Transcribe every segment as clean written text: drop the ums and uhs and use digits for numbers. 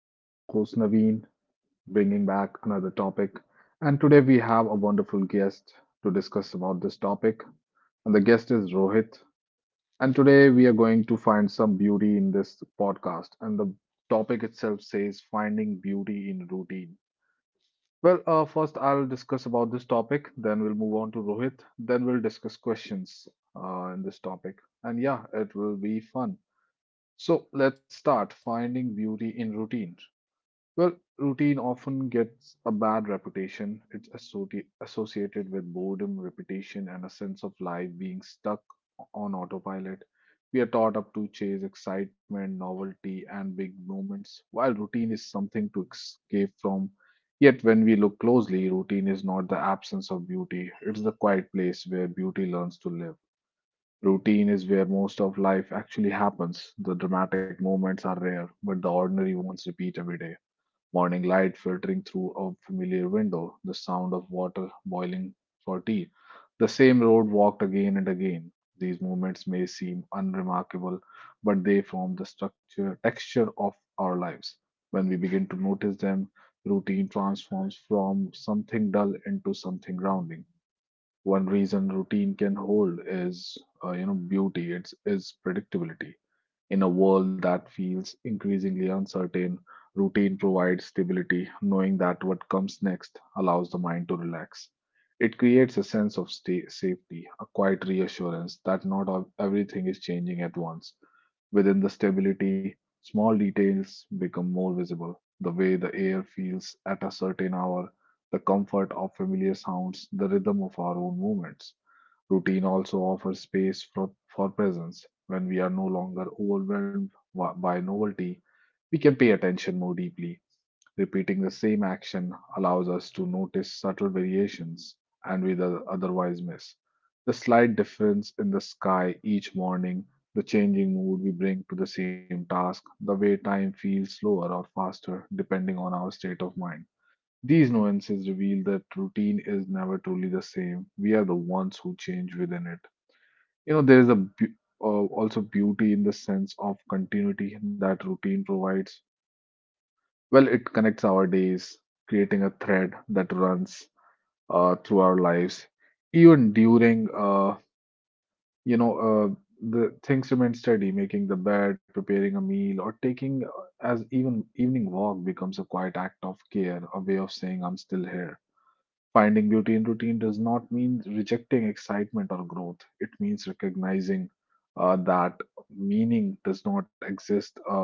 This is your host, Naveen, bringing back another topic. And today we have a wonderful guest to discuss about this topic. And the guest is Rohit. And today we are going to find some beauty in this podcast. And the topic itself says finding beauty in routine. Well, first I'll discuss about this topic, then we'll move on to Rohit, then we'll discuss questions in this topic. And yeah, it will be fun. So let's start finding beauty in routine. Well, routine often gets a bad reputation. It's associated with boredom, repetition, and a sense of life being stuck on autopilot. We are taught up to chase excitement, novelty, and big moments, while routine is something to escape from. Yet, when we look closely, routine is not the absence of beauty, it's the quiet place where beauty learns to live. Routine is where most of life actually happens. The dramatic moments are rare, but the ordinary ones repeat every day. Morning light filtering through a familiar window, the sound of water boiling for tea, the same road walked again and again. These movements may seem unremarkable, but they form the structure, texture of our lives. When we begin to notice them, routine transforms from something dull into something grounding. One reason routine can hold is beauty. It's is predictability. In a world that feels increasingly uncertain, routine provides stability. Knowing that what comes next allows the mind to relax. It creates a sense of sta safety, a quiet reassurance that not ev- everything is changing at once. Within the stability, small details become more visible. The way the air feels at a certain hour, the comfort of familiar sounds, the rhythm of our own movements. Routine also offers space for presence. When we are no longer by novelty, we can pay attention more deeply. Repeating the same action allows us to notice subtle variations and we otherwise miss. The slight difference in the sky each morning, the changing mood we bring to the same task, the way time feels slower or faster depending on our state of mind. These nuances reveal that routine is never truly the same. We are the ones who change within it. There is a also beauty in the sense of continuity that routine provides. Well, it connects our days, creating a thread that runs through our lives, even during you know uh, the things remain steady. Making the bed, preparing a meal, or taking as even evening walk becomes a quiet act of care, a way of saying I'm still here. Finding beauty in routine does not mean rejecting excitement or growth. It means recognizing that meaning does not exist,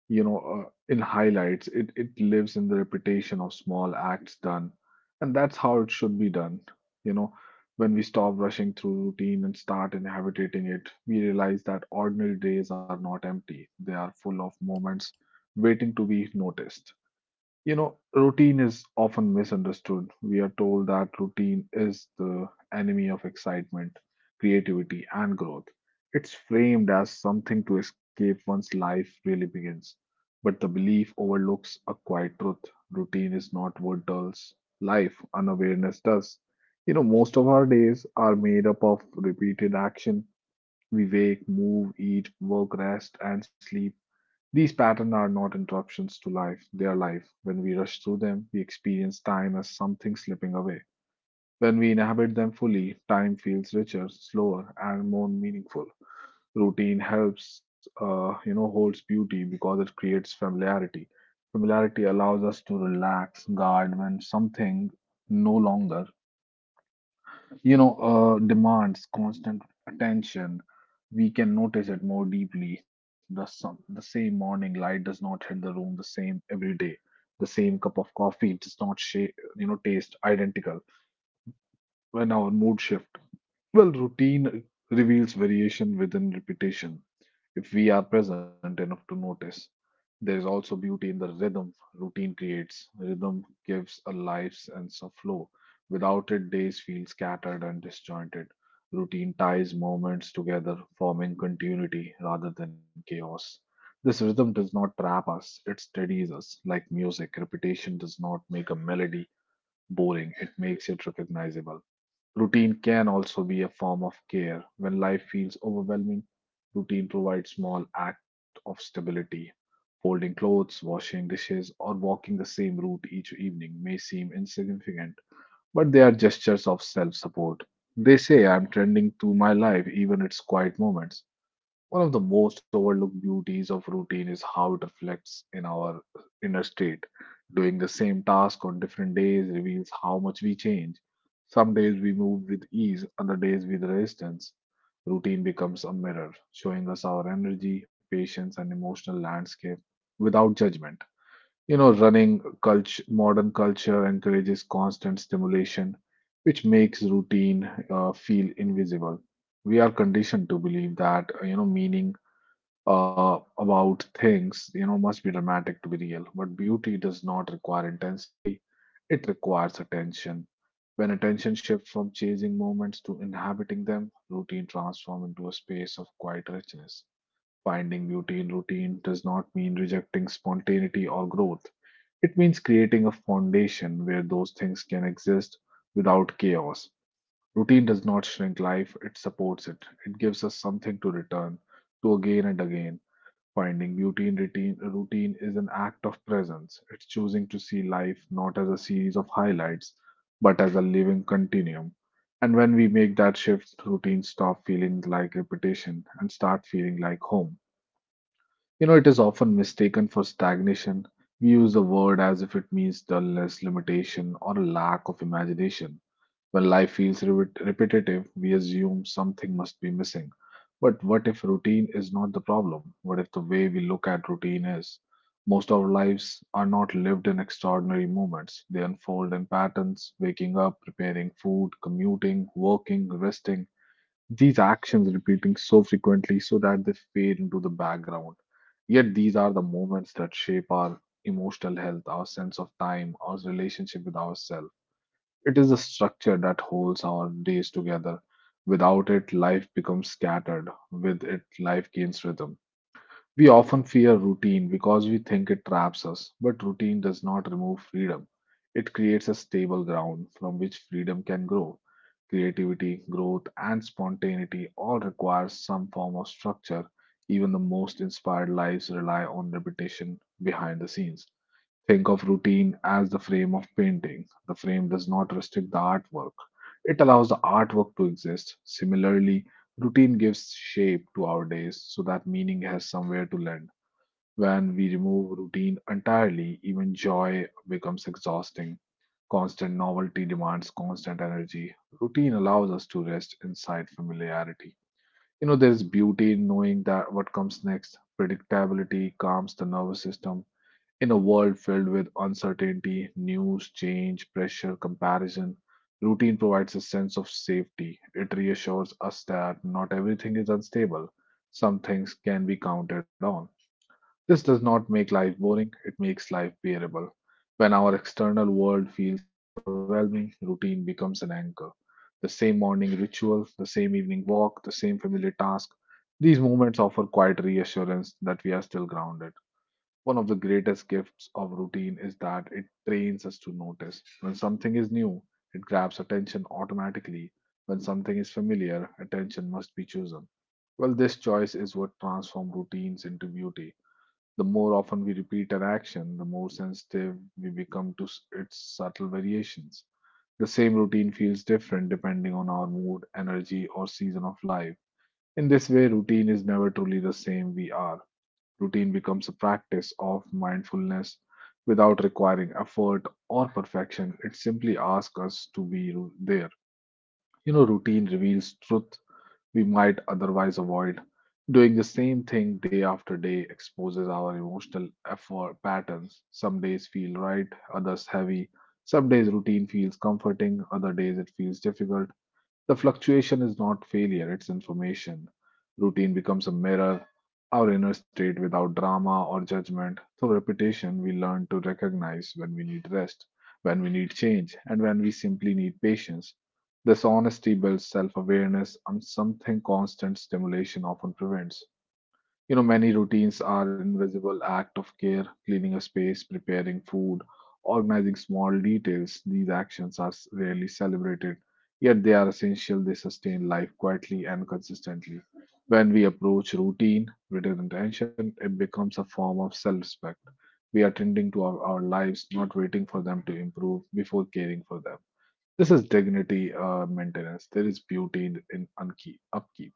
you know, uh, in highlights. It lives in the repetition of small acts done, and that's how it should be done. You know, when we stop rushing through routine and start inhabiting it, we realize that ordinary days are not empty. They are full of moments waiting to be noticed. Routine is often misunderstood. We are told that routine is the enemy of excitement, creativity, and growth. It's framed as something to escape once life really begins. But the belief overlooks a quiet truth. Routine is not what dulls life, unawareness does. Most of our days are made up of repeated action. We wake, move, eat, work, rest, and sleep these patterns are not interruptions to life, they are life. When we rush through them, we experience time as something slipping away. When we inhabit them fully, time feels richer, slower, and more meaningful. Routine holds beauty because it creates familiarity. Familiarity allows us to relax, guard when something no longer you know, demands constant attention. We can notice it more deeply. The sun, the same morning light does not hit the room the same every day. The same cup of coffee does not shape taste identical. When our mood shift, well, routine reveals variation within repetition. If we are present enough to notice, there is also beauty in the rhythm routine creates. Rhythm gives a life sense of flow. Without it, days feel scattered and disjointed. Routine ties moments together, forming continuity rather than chaos. This rhythm does not trap us, it steadies us. Music, repetition does not make a melody boring, it makes it recognizable. Routine can also be a form of care. When life feels overwhelming, routine provides small act of stability. Folding clothes, washing dishes, or walking the same route each evening may seem insignificant, but they are gestures of self-support. They say I'm tending to my life even its quiet moments. One of the most overlooked beauties of routine is how it reflects in our inner state. Doing the same task on different days reveals how much we change. Some days we move with ease, other days with resistance. Routine becomes a mirror, showing us our energy, patience, and emotional landscape without judgment. Running culture, modern culture encourages constant stimulation, which makes routine feel invisible. We are conditioned to believe that meaning about things must be dramatic to be real. But beauty does not require intensity, it requires attention. When attention shifts from chasing moments to inhabiting them, routine transforms into a space of quiet richness. Finding beauty in routine does not mean rejecting spontaneity or growth. It means creating a foundation where those things can exist without chaos. Routine does not shrink life, it supports it. It gives us something to return to again and again. Finding beauty in routine, routine is an act of presence. It's choosing to see life not as a series of highlights, but as a living continuum. And when we make that shift, routine stop feeling like repetition and start feeling like home. It is often mistaken for stagnation. We use the word as if it means dullness, limitation, or a lack of imagination. When life feels repetitive, we assume something must be missing. But what if routine is not the problem? What if the way we look at routine is? Most of our lives are not lived in extraordinary moments. They unfold in patterns waking up, preparing food, commuting, working, resting. These actions repeating so frequently so that they fade into the background. Yet these are the moments that shape our emotional health, our sense of time, our relationship with ourselves it is the structure that holds our days together. Without it, life becomes scattered. With it, life gains rhythm. We often fear routine because we think it traps us, but routine does not remove freedom. It creates a stable ground from which freedom can grow. Creativity, growth, and spontaneity all require some form of structure. Even the most inspired lives rely on repetition behind the scenes. Think of routine as the frame of painting. The frame does not restrict the artwork, it allows the artwork to exist. Similarly, routine gives shape to our days so that meaning has somewhere to land. When we remove routine entirely, even joy becomes exhausting. Constant novelty demands constant energy. Routine allows us to rest inside familiarity. There is beauty in knowing that what comes next. Predictability calms the nervous system in a world filled with uncertainty, news, change, pressure, comparison, routine provides a sense of safety. It reassures us that not everything is unstable, some things can be counted on. This does not make life boring, it makes bearable. When our external world feels overwhelming, routine becomes an anchor. The same morning ritual, the same evening walk, the same familiar task. These moments offer quiet reassurance that we are still grounded. One of the greatest gifts of routine is that it trains us to notice. When something is new, it grabs attention automatically. When something is familiar, attention must be chosen. Well, this choice is what transforms routines into beauty. The more often we repeat an action, the more sensitive we become to its subtle variations. The same routine feels different depending on our mood, energy, or season of life. In this way, routine is never truly the same we are. Routine becomes a practice of mindfulness without requiring effort or perfection. It simply asks us to be there. Routine reveals truth we might otherwise avoid. Doing the same thing day after day exposes our emotional effort patterns. Some days feel right, others heavy. Some days routine feels comforting, other days it feels difficult. The fluctuation is not failure, it's information. Routine becomes a mirror, our inner state without drama or judgment. Through repetition, we learn to recognize when we need rest, when we need change, and when we simply need patience. This honesty builds self awareness and something constant stimulation often prevents. Many routines are invisible act of care, cleaning a space, preparing food, organizing small details. These actions are rarely celebrated, yet they are essential. They sustain life quietly and consistently. When we approach routine with an intention, it becomes a form of self-respect. We are tending to our lives, not waiting for them to improve before caring for them. This is dignity maintenance. There is beauty in, in upkeep.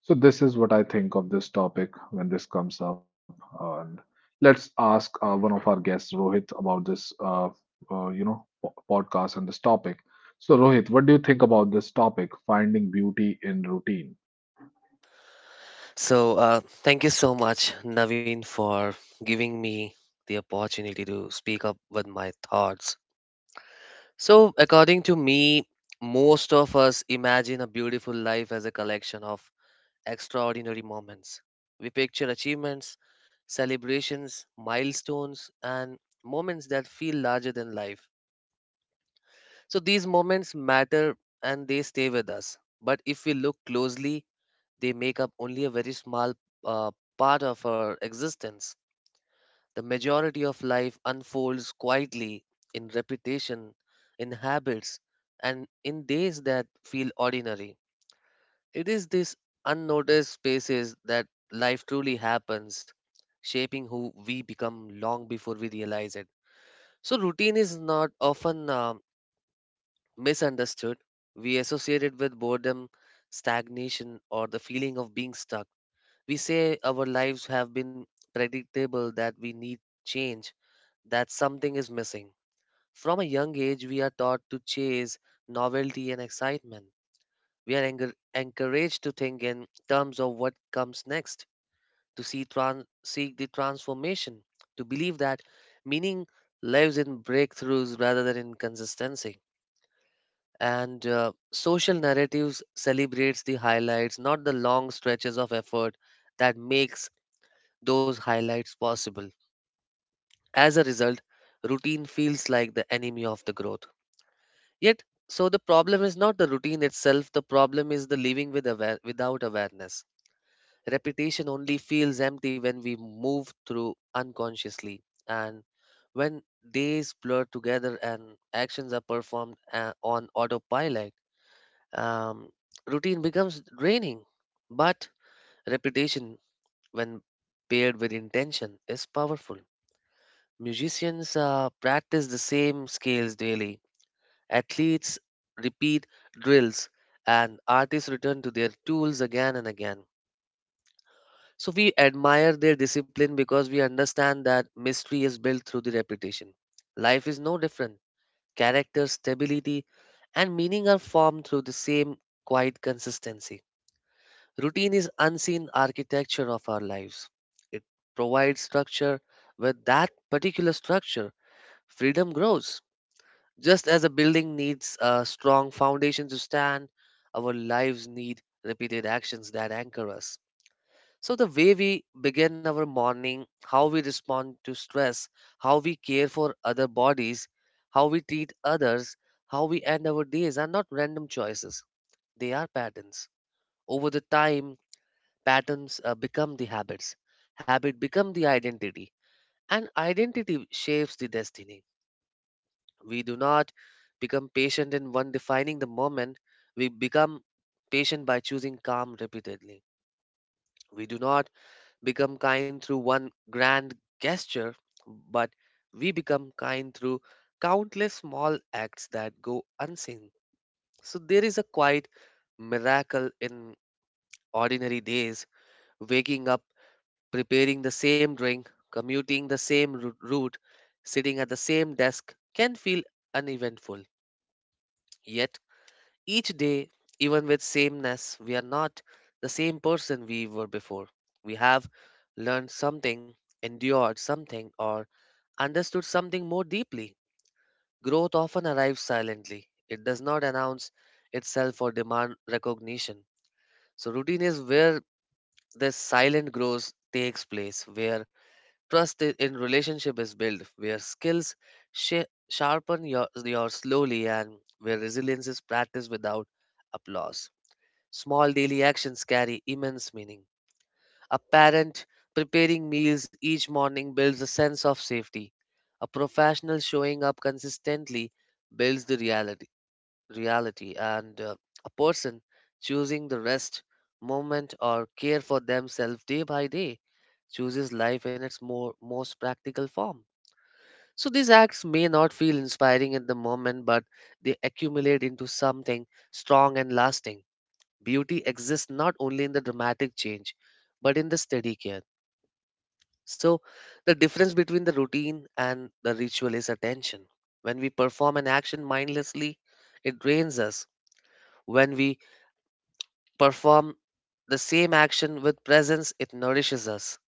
So this is what I think of this topic when this comes up. And let's ask one of our guests, Rohit, about this, podcast and this topic. So Rohit, what do you think about this topic, finding beauty in routine? So, thank you so much, Naveen, for giving me the opportunity to speak up with my thoughts. So, according to me, most of us imagine a beautiful life as a collection of extraordinary moments. We picture achievements, celebrations, milestones, and moments that feel larger than life. So, these moments matter and they stay with us. But if we look closely, they make up only a very small uh, part of our existence. The majority of life unfolds quietly in repetition, in habits, and in days that feel ordinary. It is these unnoticed spaces that life truly happens, shaping who we become long before we realize it. So, routine is not often misunderstood. We associate it with boredom, stagnation, or the feeling of being stuck. We say our lives have been predictable, that we need change, that something is missing. From a young age, we are taught to chase novelty and excitement. We are encouraged to think in terms of what comes next, to seek the transformation, to believe that meaning lives in breakthroughs rather than in consistency. And social narratives celebrates the highlights, not the long stretches of effort that makes those highlights possible. As a result, routine feels like the enemy of the growth. Yet, so the problem is not the routine itself, the problem is the living without awareness. Repetition only feels empty when we move through unconsciously, and when days blur together and actions are performed on autopilot. Um, Routine becomes draining, but repetition, when paired with intention, is powerful. Musicians practice the same scales daily. Athletes repeat drills, and artists return to their tools again and again. So we admire their discipline because we understand that mystery is built through the repetition. Life is no different. Character, stability, and meaning are formed through the same quiet consistency. Routine is unseen architecture of our lives. It provides structure. With that particular structure, freedom grows. Just as a building needs a strong foundation to stand, our lives need repeated actions that anchor us. So, the way we begin our morning, how we respond to stress, how we care for other bodies, how we treat others, how we end our days are not random choices. They are patterns. Over the time, patterns become the habits. Habit become the identity. And identity shapes the destiny. We do not become patient in one defining the moment. We become patient by choosing calm repeatedly. We do not become kind through one grand gesture, but we become kind through countless small acts that go unseen. So there is a quiet miracle in ordinary days, waking up, preparing the same drink, commuting the same route, sitting at the same desk can feel uneventful. Yet each day, even with sameness, we are not the same person we were before. We have learned something, endured something, or understood something more deeply. Growth often arrives silently. It does not announce itself or demand recognition. So, routine is where this silent growth takes place, where trust in relationship is built, where skills sharpen your slowly, and where resilience is practiced without applause. Small daily actions carry immense meaning. A parent preparing meals each morning builds a sense of safety. A professional showing up consistently builds the reality and a person choosing the rest, moment, or care for themselves day by day chooses life in its most practical form. So these acts may not feel inspiring at the moment, but they accumulate into something strong and lasting. Beauty exists not only in the dramatic change, but in the steady care. So, the difference between the routine and the ritual is attention. When we perform an action mindlessly, it drains us. When we perform the same action with presence, it nourishes us.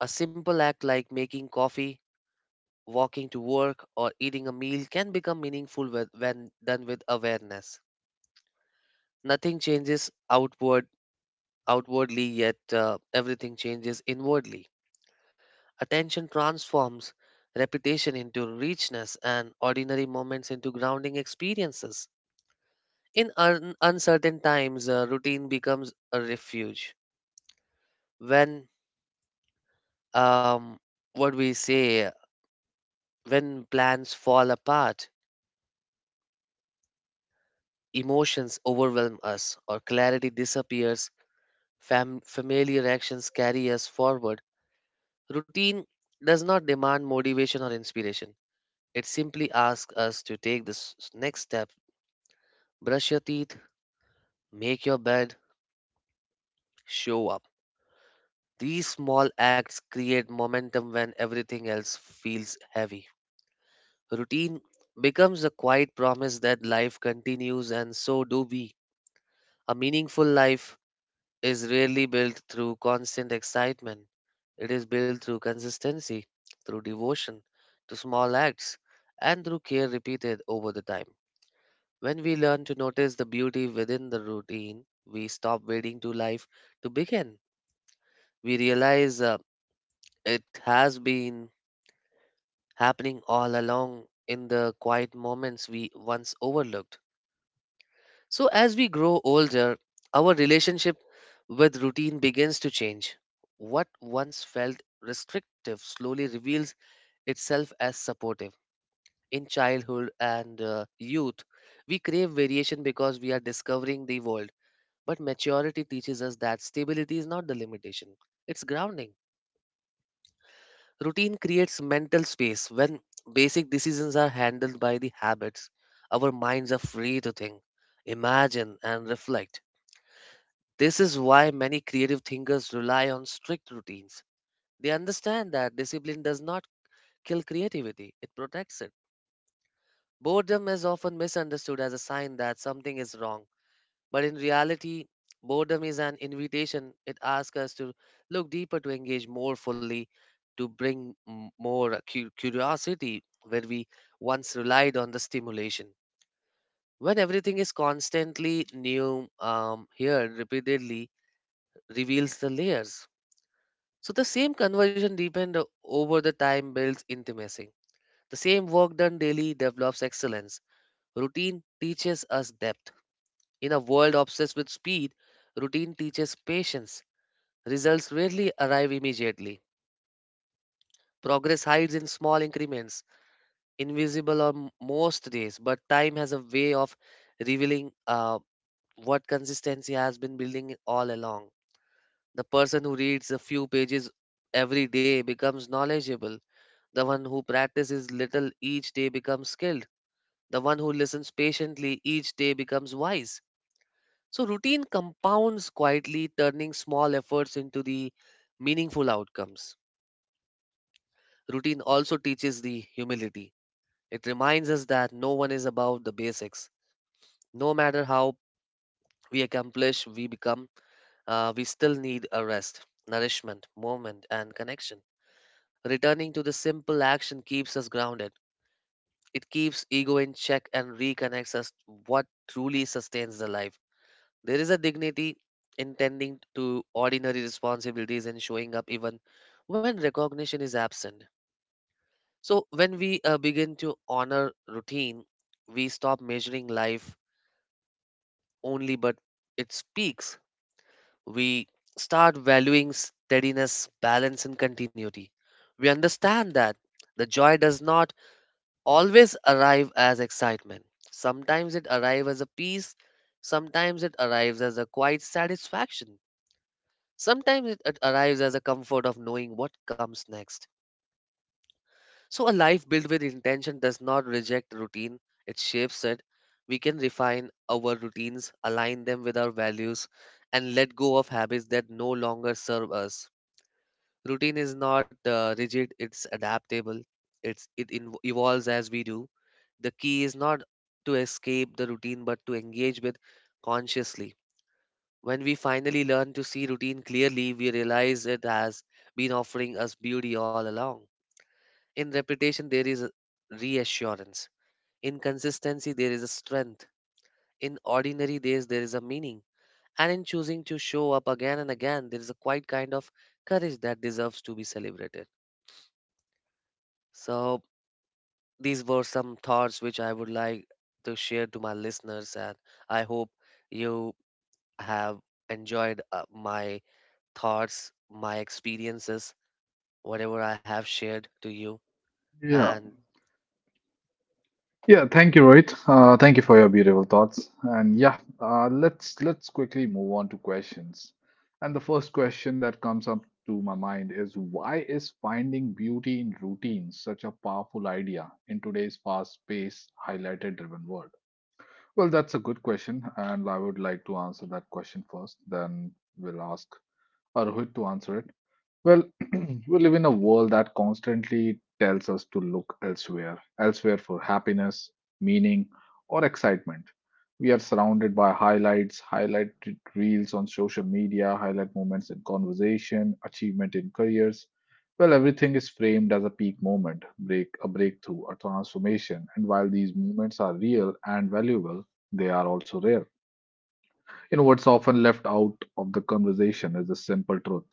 A simple act like making coffee, walking to work, or eating a meal can become meaningful when done with awareness. Nothing changes outwardly, yet everything changes inwardly. Attention transforms repetition into richness and ordinary moments into grounding experiences. In uncertain times, routine becomes a refuge. When, um, what we say, when plans fall apart, emotions overwhelm us, or clarity disappears, familiar actions carry us forward. Routine does not demand motivation or inspiration. It simply asks us to take this next step: brush your teeth, make your bed, show up. These small acts create momentum when everything else feels heavy. Routine becomes a quiet promise that life continues, and so do we. A meaningful life is rarely built through constant excitement, it is built through consistency, through devotion, to small acts, and through care repeated over the time. When we learn to notice the beauty within the routine, we stop waiting to life to begin. We realize it has been happening all along in the quiet moments we once overlooked. So, as we grow older, our relationship with routine begins to change. What once felt restrictive slowly reveals itself as supportive. In childhood and youth, we crave variation because we are discovering the world. But maturity teaches us that stability is not the limitation, it's grounding. Routine creates mental space when basic decisions are handled by the habits. Our minds are free to think, imagine, and reflect. This is why many creative thinkers rely on strict routines. They understand that discipline does not kill creativity, it protects it. Boredom is often misunderstood as a sign that something is wrong, but in reality, boredom is an invitation. It asks us to look deeper, to engage more fully, to bring more curiosity where we once relied on the stimulation. When everything is constantly new, here repeatedly reveals the layers. So the same conversion deepened over the time builds intimacy. The same work done daily develops excellence. Routine teaches us depth. In a world obsessed with speed, routine teaches patience. Results rarely arrive immediately. Progress hides in small increments, invisible on most days, but time has a way of revealing what consistency has been building all along. The person who reads a few pages every day becomes knowledgeable. The one who practices little each day becomes skilled. The one who listens patiently each day becomes wise. So, routine compounds quietly, turning small efforts into the meaningful outcomes. Routine also teaches the humility. It reminds us that no one is above the basics. No matter how we accomplish, we become, we still need a rest, nourishment, moment, and connection. Returning to the simple action keeps us grounded. It keeps ego in check and reconnects us to what truly sustains the life. There is a dignity in tending to ordinary responsibilities and showing up even when recognition is absent. So, when we begin to honor routine, we stop measuring life only but its peaks. We start valuing steadiness, balance, and continuity. We understand that the joy does not always arrive as excitement. Sometimes it arrives as a peace, sometimes it arrives as a quiet satisfaction, sometimes it arrives as a comfort of knowing what comes next. So, a life built with intention does not reject routine, it shapes it. We can refine our routines, align them with our values, and let go of habits that no longer serve us. Routine is not rigid, it's adaptable, it evolves as we do. The key is not to escape the routine but to engage with consciously. When we finally learn to see routine clearly, we realize it has been offering us beauty all along. In repetition, there is a reassurance. In consistency, there is a strength. In ordinary days, there is a meaning. And in choosing to show up again and again, there is a quiet kind of courage that deserves to be celebrated. So, these were some thoughts which I would like to share to my listeners, and I hope you have enjoyed my thoughts, my experiences, whatever I have shared to you. Yeah. And Yeah, thank you, Rohit. Thank you for your beautiful thoughts. And yeah, let's quickly move on to questions. And the first question that comes up to my mind is, why is finding beauty in routine such a powerful idea in today's fast-paced, highlighted-driven world? Well, that's a good question, and I would like to answer that question first. Then we'll ask Rohit to answer it. Well, we live in a world that constantly tells us to look elsewhere, elsewhere for happiness, meaning, or excitement. We are surrounded by highlights, highlight reels on social media, highlight moments in conversation, achievement in careers. Well, everything is framed as a peak moment, break a breakthrough, a transformation, and while these moments are real and valuable, they are also rare. You know, what's often left out of the conversation is the simple truth.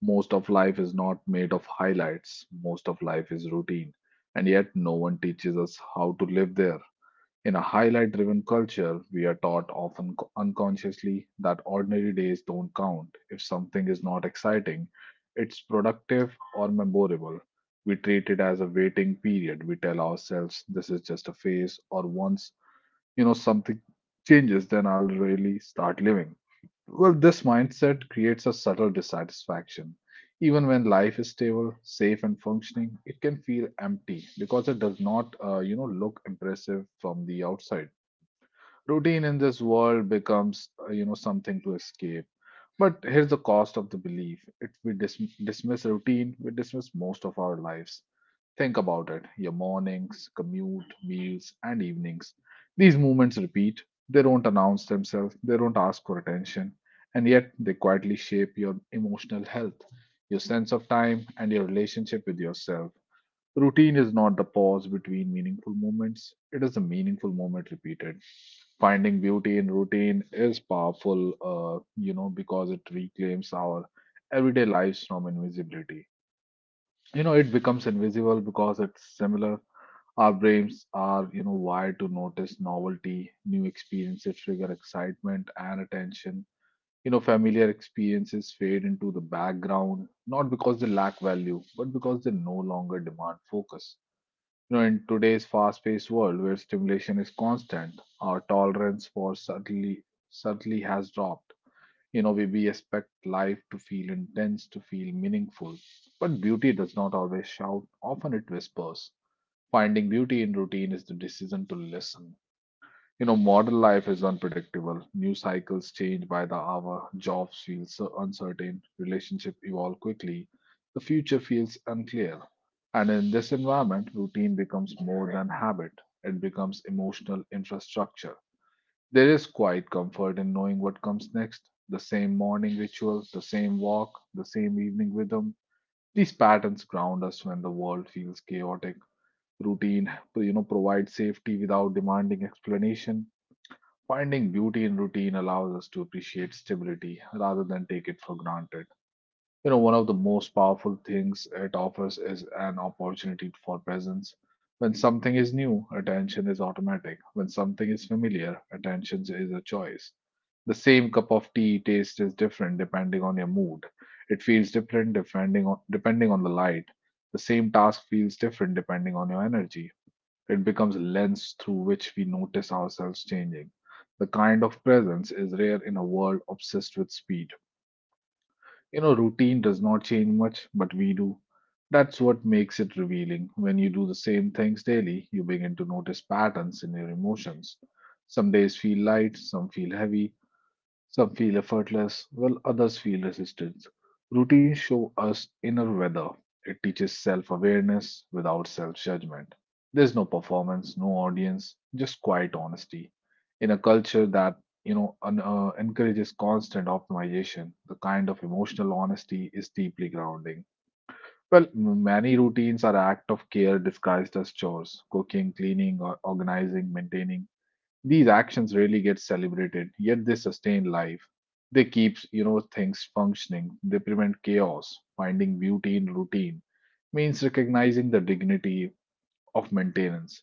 Most of life is not made of highlights, most of life is routine, and yet no one teaches us how to live there. In a highlight driven culture, we are taught often unconsciously that ordinary days don't count. If something is not exciting, it's productive or memorable. We treat it as a waiting period. We tell ourselves this is just a phase, or once you know something changes, then I'll really start living. Well, this mindset creates a subtle dissatisfaction. Even when life is stable, safe, and functioning, it can feel empty because it does not, you know, look impressive from the outside. Routine in this world becomes, you know, something to escape, but here's the cost of the belief. If we dismiss routine, we dismiss most of our lives. Think about it, your mornings, commute, meals, and evenings. These movements repeat. They don't announce themselves, they don't ask for attention, and yet they quietly shape your emotional health, your sense of time, and your relationship with yourself. Routine is not the pause between meaningful moments, it is a meaningful moment repeated. Finding beauty in routine is powerful, you know, because it reclaims our everyday lives from invisibility. You know, it becomes invisible because it's similar. Our brains are, you know, wired to notice novelty, new experiences trigger excitement and attention. You know, familiar experiences fade into the background, not because they lack value, but because they no longer demand focus. You know, in today's fast-paced world where stimulation is constant, our tolerance for subtlety subtly has dropped. You know, we expect life to feel intense, to feel meaningful. But beauty does not always shout, often it whispers. Finding beauty in routine is the decision to listen. You know, modern life is unpredictable. News cycles change by the hour, jobs feel so uncertain, relationships evolve quickly, the future feels unclear. And in this environment, routine becomes more than habit, it becomes emotional infrastructure. There is quite comfort in knowing what comes next, the same morning ritual, the same walk, the same evening rhythm. These patterns ground us when the world feels chaotic. Routine, you know, provides safety without demanding explanation. Finding beauty in routine allows us to appreciate stability rather than take it for granted. You know, one of the most powerful things it offers is an opportunity for presence. When something is new, attention is automatic. When something is familiar, attention is a choice. The same cup of tea taste is different depending on your mood. It feels different depending on, depending on the light. The same task feels different depending on your energy, it becomes a lens through which we notice ourselves changing. The kind of presence is rare in a world obsessed with speed. You know, routine does not change much, but we do. That's what makes it revealing. When you do the same things daily, you begin to notice patterns in your emotions. Some days feel light, some feel heavy, some feel effortless, while others feel resistance. Routines show us inner weather. It teaches self awareness without self judgment. There's no performance, no audience, just quiet honesty. In a culture that you know encourages constant optimization, the kind of emotional honesty is deeply grounding. Well, many routines are act of care disguised as chores: cooking, cleaning, or organizing, maintaining these actions really get celebrated, yet they sustain life. They keep, you know, things functioning. They prevent chaos. Finding beauty in routine means recognizing the dignity of maintenance.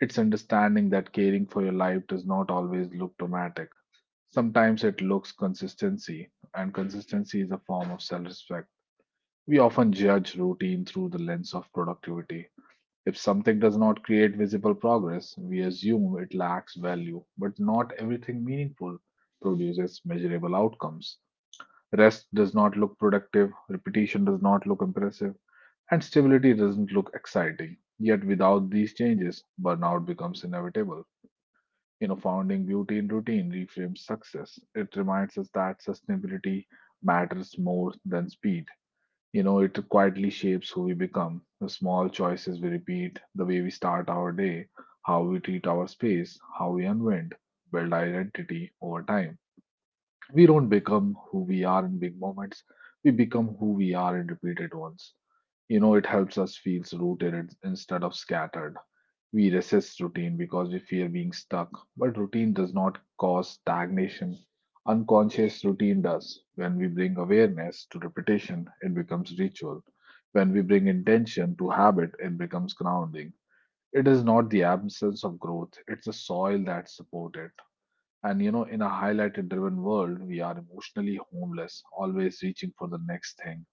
It's understanding that caring for your life does not always look dramatic. Sometimes it looks consistency, and consistency is a form of self-respect. We often judge routine through the lens of productivity, if something does not create visible progress, we assume it lacks value, but not everything meaningful produces measurable outcomes. Rest does not look productive, repetition does not look impressive, and stability doesn't look exciting. Yet, without these changes, burnout becomes inevitable. You know, founding beauty in routine reframes success. It reminds us that sustainability matters more than speed. You know, it quietly shapes who we become. The small choices we repeat, the way we start our day, how we treat our space, how we unwind, build identity over time. We don't become who we are in big moments, we become who we are in repeated ones. You know, it helps us feel rooted instead of scattered. We resist routine because we fear being stuck, but routine does not cause stagnation. Unconscious routine does. When we bring awareness to repetition, it becomes ritual. When we bring intention to habit, it becomes grounding. It is not the absence of growth, it's the soil that supports it. And you know, in a highlighted driven world, we are emotionally homeless, always reaching for the next thing,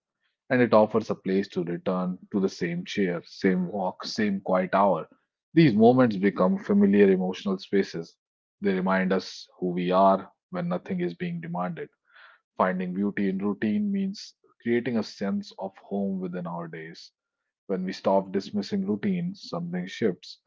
and it offers a place to return to, the same chair, same walk, same quiet hour. These moments become familiar emotional spaces. They remind us who we are when nothing is being demanded. Finding beauty in routine means creating a sense of home within our days. When we stop dismissing routines, something shifts.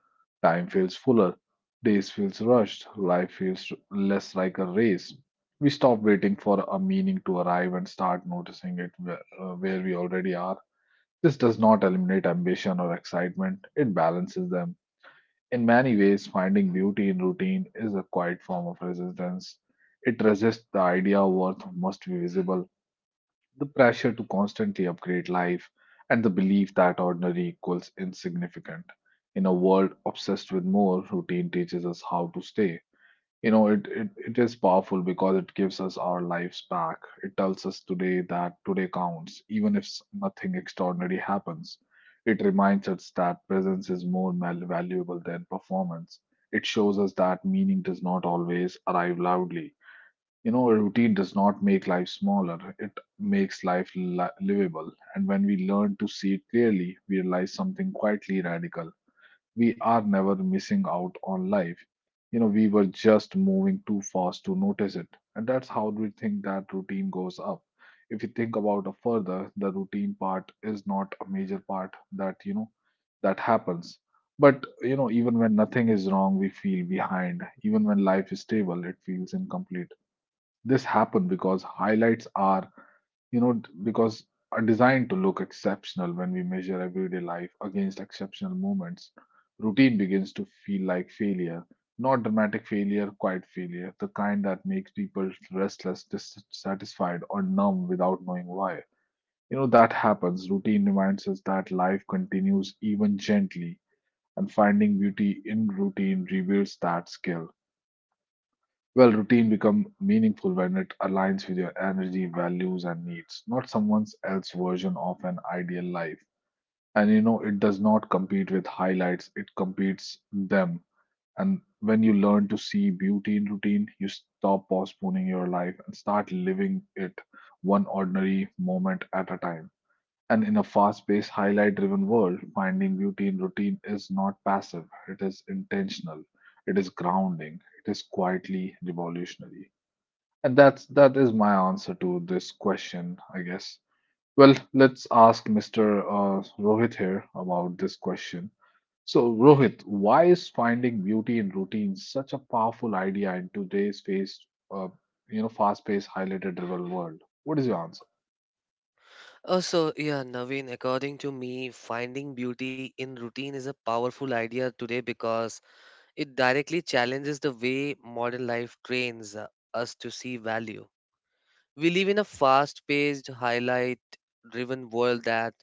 Time feels fuller, days feels rushed, life feels less like a race. We stop waiting for a meaning to arrive and start noticing it where we already are. This does not eliminate ambition or excitement, it balances them. In many ways, finding beauty in routine is a quiet form of resistance. It resists the idea worth must be visible, the pressure to constantly upgrade life, and the belief that ordinary equals insignificant. In a world obsessed with more, routine teaches us how to stay. You know, it is powerful because it gives us our lives back. It tells us today that today counts, even if nothing extraordinary happens. It reminds us that presence is more valuable than performance. It shows us that meaning does not always arrive loudly. You know, a routine does not make life smaller, it makes life livable. And when we learn to see it clearly, we realize something quietly radical. We are never missing out on life. You know, we were just moving too fast to notice it. And that's how we think that routine goes up. If you think about it further, the routine part is not a major part that, you know, that happens. But you know, even when nothing is wrong, we feel behind. Even when life is stable, it feels incomplete. This happen because highlights are, you know, because are designed to look exceptional when we measure everyday life against exceptional moments. Routine begins to feel like failure, not dramatic failure, quiet failure, the kind that makes people restless, dissatisfied, or numb without knowing why. You know, that happens. Routine reminds us that life continues even gently, and finding beauty in routine reveals that skill. Well, routine become meaningful when it aligns with your energy, values, and needs, not someone else's version of an ideal life. And you know, it does not compete with highlights, it competes them. And when you learn to see beauty in routine, you stop postponing your life and start living it one ordinary moment at a time. And in a fast paced, highlight driven world, finding beauty in routine is not passive, it is intentional, it is grounding, it is quietly revolutionary. And that is my answer to this question, I guess. Well, let's ask Mr. Rohit here about this question. So, Rohit, why is finding beauty in routine such a powerful idea in today's face, uh, fast-paced, highlighted driven world? What is your answer? also, yeah, Naveen, according to me, finding beauty in routine is a powerful idea today because it directly challenges the way modern life trains us to see value. We live in a fast-paced, highlight-driven world that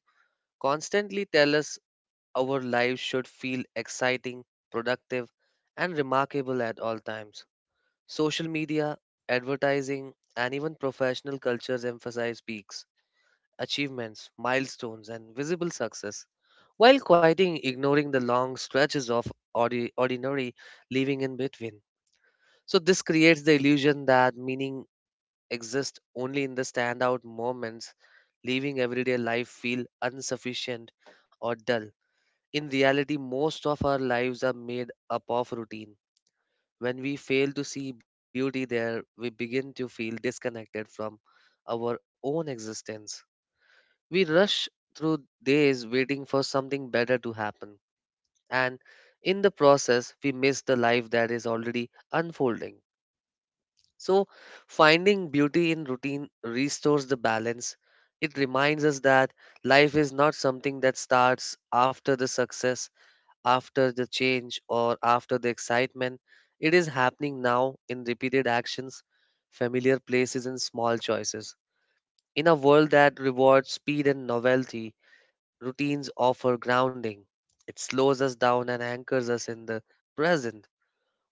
constantly tell us our lives should feel exciting, productive, and remarkable at all times. Social media, advertising, and even professional cultures emphasize peaks achievements, milestones, and visible success, while quieting, ignoring the long stretches of ordinary living in between. So, this creates the illusion that meaning exists only in the standout moments, leaving everyday life feel insufficient or dull. In reality, most of our lives are made up of routine. When we fail to see beauty there, we begin to feel disconnected from our own existence. We rush through days waiting for something better to happen, and in the process, we miss the life that is already unfolding. So, finding beauty in routine restores the balance. It reminds us that life is not something that starts after the success, after the change, or after the excitement. It is happening now in repeated actions, familiar places, and small choices. In a world that rewards speed and novelty, routines offer grounding. It slows us down and anchors us in the present.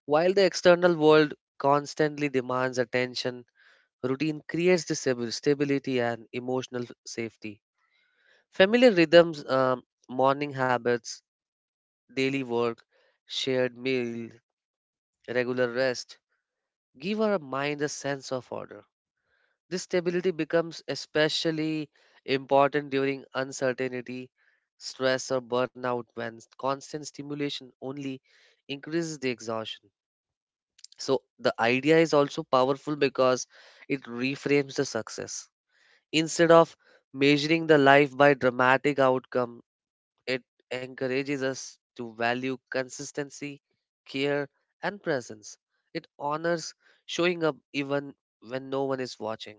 While the external world constantly demands attention, routine creates the stability and emotional safety. Familiar rhythms, morning habits, daily work, shared meal, regular rest give our mind a sense of order. This stability becomes especially important during uncertainty, stress, or burnout when constant stimulation only increases the exhaustion. So, the idea is also powerful because it reframes the success. Instead of measuring the life by dramatic outcome, it encourages us to value consistency, care, and presence. It honors showing up even when no one is watching.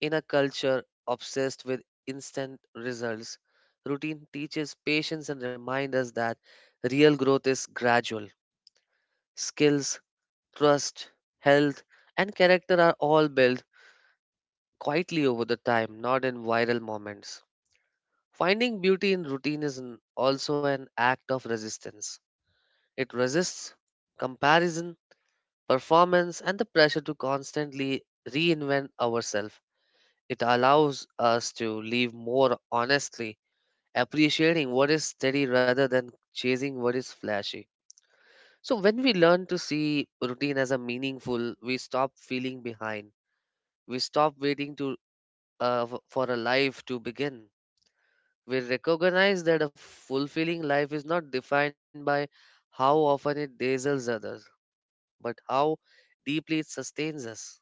In a culture obsessed with instant results, routine teaches patience and reminds us that real growth is gradual. Skills, trust, health, and character are all built quietly over the time, not in viral moments. Finding beauty in routine is also an act of resistance. It resists comparison, performance, and the pressure to constantly reinvent ourselves. It allows us to live more honestly, appreciating what is steady rather than chasing what is flashy. So, when we learn to see routine as a meaningful, we stop feeling behind. We stop waiting to for a life to begin. We recognize that a fulfilling life is not defined by how often it dazzles others, but how deeply it sustains us.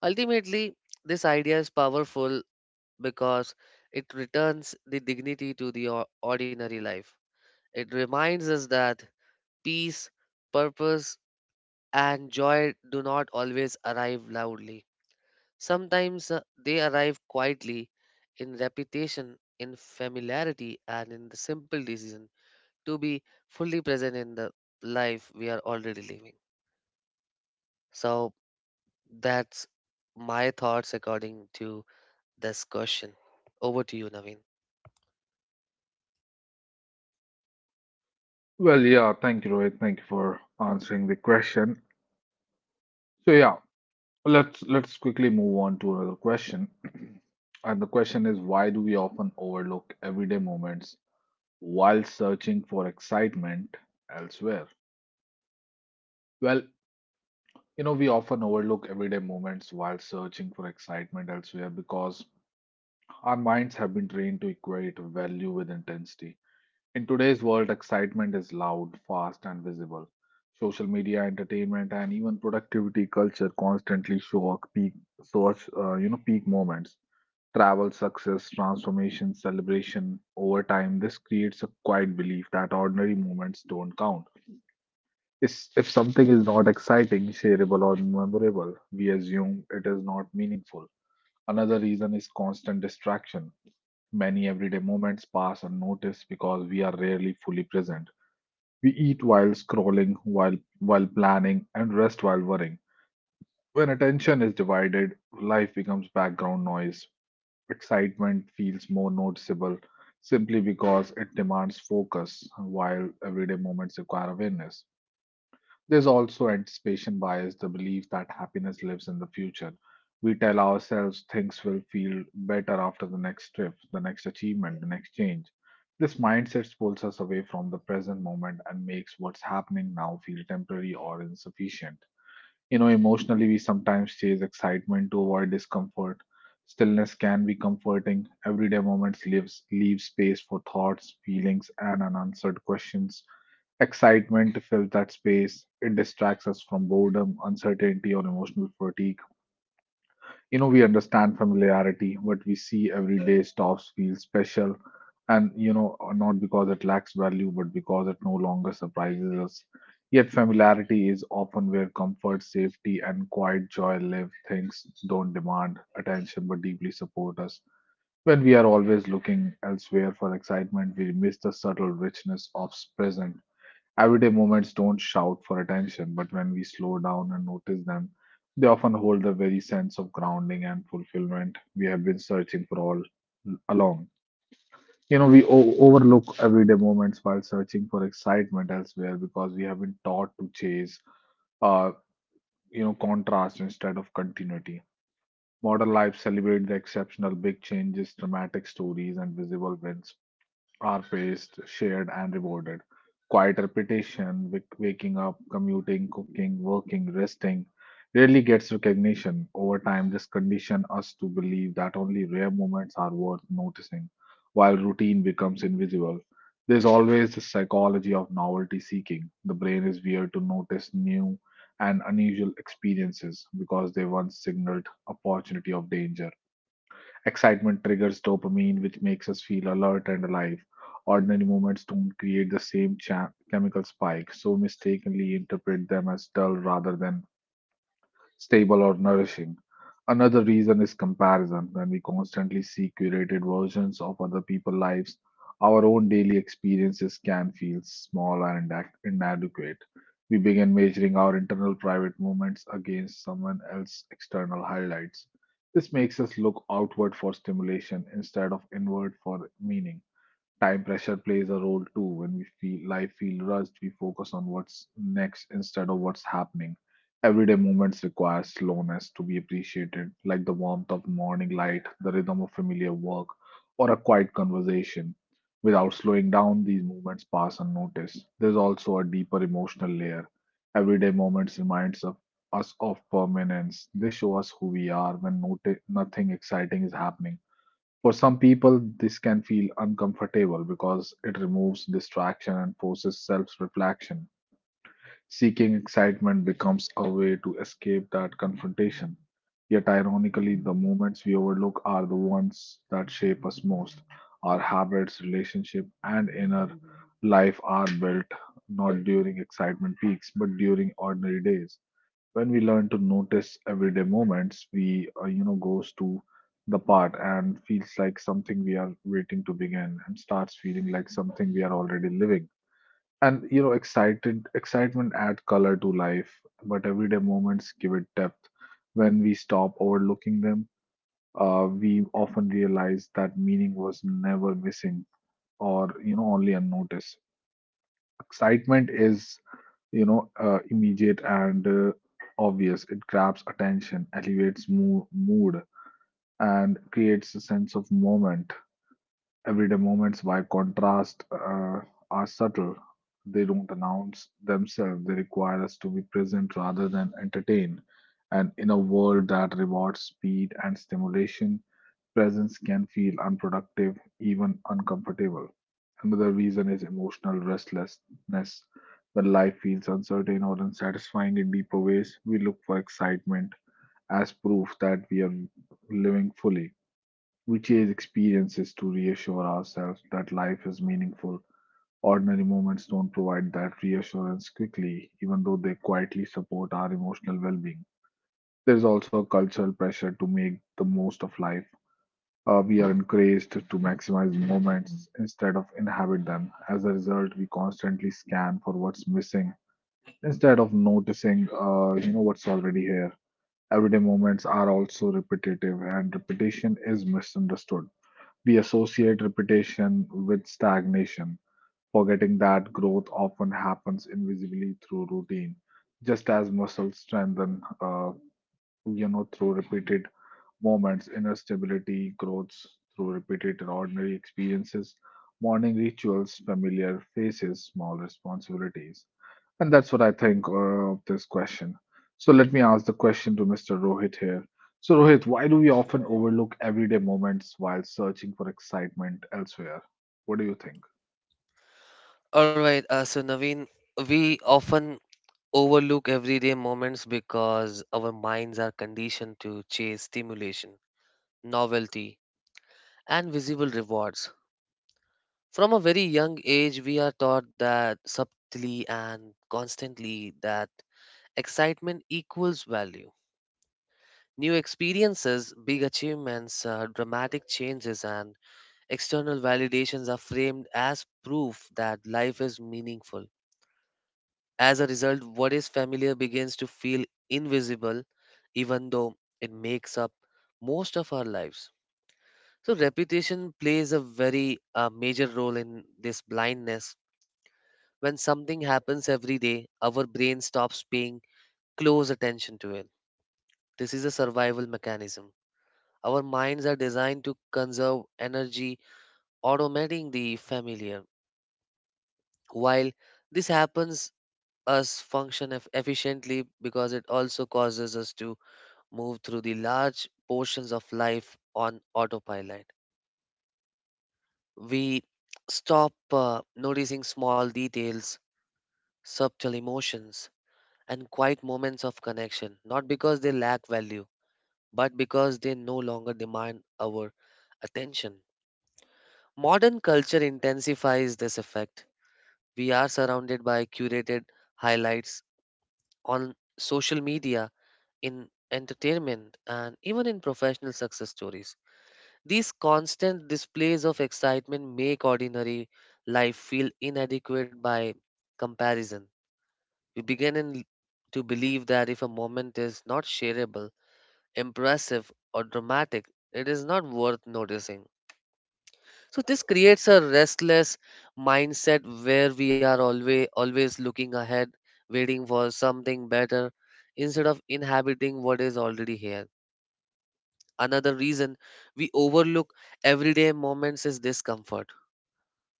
Ultimately, this idea is powerful because it returns the dignity to the ordinary life. It reminds us that peace, purpose, and joy do not always arrive loudly. Sometimes they arrive quietly, in repetition, in familiarity, and in the simple decision to be fully present in the life we are already living. So that's my thoughts according to this question. Over to you, Naveen. Well, yeah, thank you, Rohit. Thank you for answering the question. So, yeah, let's quickly move on to another question. And the question is, why do we often overlook everyday moments while searching for excitement elsewhere? Well, we often overlook everyday moments while searching for excitement elsewhere because our minds have been trained to equate value with intensity. In today's world, excitement is loud, fast, and visible. Social media, entertainment, and even productivity culture constantly show up peak, source, peak moments. Travel, success, transformation, celebration over time. This creates a quiet belief that ordinary moments don't count. Is if something is not exciting, shareable, or memorable, we assume it is not meaningful. Another reason is constant distraction. Many everyday moments pass unnoticed because we are rarely fully present. We eat while scrolling, while planning, and rest while worrying. When attention is divided, life becomes background noise. Excitement feels more noticeable simply because it demands focus, while everyday moments require awareness. There's also anticipation bias, the belief that happiness lives in the future. We tell ourselves things will feel better after the next trip, the next achievement, the next change. This mindset pulls us away from the present moment and makes what's happening now feel temporary or insufficient. You know, emotionally, we sometimes chase excitement to avoid discomfort. Stillness can be comforting. Everyday moments leave space for thoughts, feelings, and unanswered questions. Excitement fills that space. It distracts us from boredom, uncertainty, or emotional fatigue. You know, we understand familiarity. What we see every day stops feel special. And, not because it lacks value, but because it no longer surprises us. Yet, familiarity is often where comfort, safety, and quiet joy live. Things don't demand attention but deeply support us. When we are always looking elsewhere for excitement, we miss the subtle richness of present. Everyday moments don't shout for attention, but when we slow down and notice them, they often hold the very sense of grounding and fulfillment we have been searching for all along. We overlook everyday moments while searching for excitement elsewhere because we have been taught to chase, uh, contrast instead of continuity. Modern life celebrate the exceptional big changes, dramatic stories, and visible wins are faced, shared, and rewarded. Quiet repetition, waking up, commuting, cooking, working, resting, rarely gets recognition. Over time, this condition us to believe that only rare moments are worth noticing, while routine becomes invisible. There's always the psychology of novelty seeking. The brain is weird to notice new and unusual experiences because they once signaled opportunity of danger. Excitement triggers dopamine, which makes us feel alert and alive. Ordinary moments don't create the same chemical spike, so mistakenly interpret them as dull rather than stable, or nourishing. Another reason is comparison. When we constantly see curated versions of other people's lives, our own daily experiences can feel small and inadequate. We begin measuring our internal private moments against someone else's external highlights. This makes us look outward for stimulation instead of inward for meaning. Time pressure plays a role too. When we feel life feel rushed, we focus on what's next instead of what's happening. Everyday moments require slowness to be appreciated, like the warmth of morning light, the rhythm of familiar work, or a quiet conversation. Without slowing down, these moments pass unnoticed. There's also a deeper emotional layer. Everyday moments reminds of us of permanence. They show us who we are when nothing exciting is happening. For some people, this can feel uncomfortable because it removes distraction and forces self reflection. Seeking excitement becomes a way to escape that confrontation. Yet, ironically, the moments we overlook are the ones that shape us most. Our habits, relationship, and inner life are built not during excitement peaks, but during ordinary days when we learn to notice everyday moments, we goes to the part and feels like something we are waiting to begin and starts feeling like something we are already living. And excited excitement add color to life, but everyday moments give it depth. When we stop overlooking them, we often realize that meaning was never missing or only unnoticed. Excitement is immediate and obvious. It grabs attention, elevates mood, and creates a sense of moment. Everyday moments, by contrast, are subtle. They don't announce themselves. They require us to be present rather than entertain, and in a world that rewards speed and stimulation, presence can feel unproductive, even uncomfortable. Another reason is emotional restlessness. When life feels uncertain or unsatisfying in deeper ways, we look for excitement as proof that we are living fully. We chase experiences to reassure ourselves that life is meaningful. Ordinary moments don't provide that reassurance quickly, even though they quietly support our emotional well being. There is also a cultural pressure to make the most of life. We are encouraged to maximize moments instead of inhabit them. As a result, we constantly scan for what's missing instead of noticing, what's already here. Everyday moments are also repetitive, and repetition is misunderstood. We associate repetition with stagnation, forgetting that growth often happens invisibly through routine. Just as muscles strengthen, through repeated moments, inner stability grows through repeated and ordinary experiences, morning rituals, familiar faces, small responsibilities. And that's what I think of this question. So let me ask the question to Mr. Rohit here. So, Rohit, why do we often overlook everyday moments while searching for excitement elsewhere? What do you think? All right, so Naveen, we often overlook everyday moments because our minds are conditioned to chase stimulation, novelty, and visible rewards. From a very young age, we are taught that subtly and constantly that excitement equals value. New experiences, big achievements, dramatic changes, and external validations are framed as proof that life is meaningful. As a result, what is familiar begins to feel invisible, even though it makes up most of our lives. So reputation plays a very major role in this blindness. When something happens every day, our brain stops paying close attention to it. This is a survival mechanism. Our minds are designed to conserve energy, automating the familiar. While this happens, us function efficiently, because it also causes us to move through the large portions of life on autopilot. We stop noticing small details, subtle emotions, and quiet moments of connection, not because they lack value, but because they no longer demand our attention. Modern culture intensifies this effect. We are surrounded by curated highlights on social media, in entertainment, and even in professional success stories. These constant displays of excitement make ordinary life feel inadequate by comparison. We to believe that if a moment is not shareable, impressive, or dramatic, it is not worth noticing. So this creates a restless mindset where we are always looking ahead, waiting for something better instead of inhabiting what is already here. Another reason we overlook everyday moments is discomfort.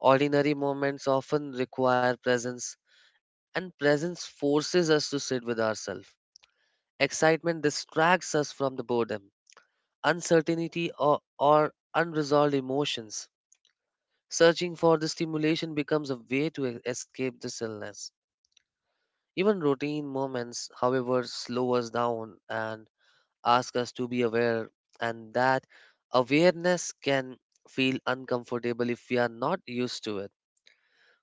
Ordinary moments often require presence, and presence forces us to sit with ourselves. Excitement distracts us from the boredom, uncertainty, or unresolved emotions. Searching for the stimulation becomes a way to escape the illness. Even routine moments, however, slow us down and ask us to be aware, and that awareness can feel uncomfortable if we are not used to it.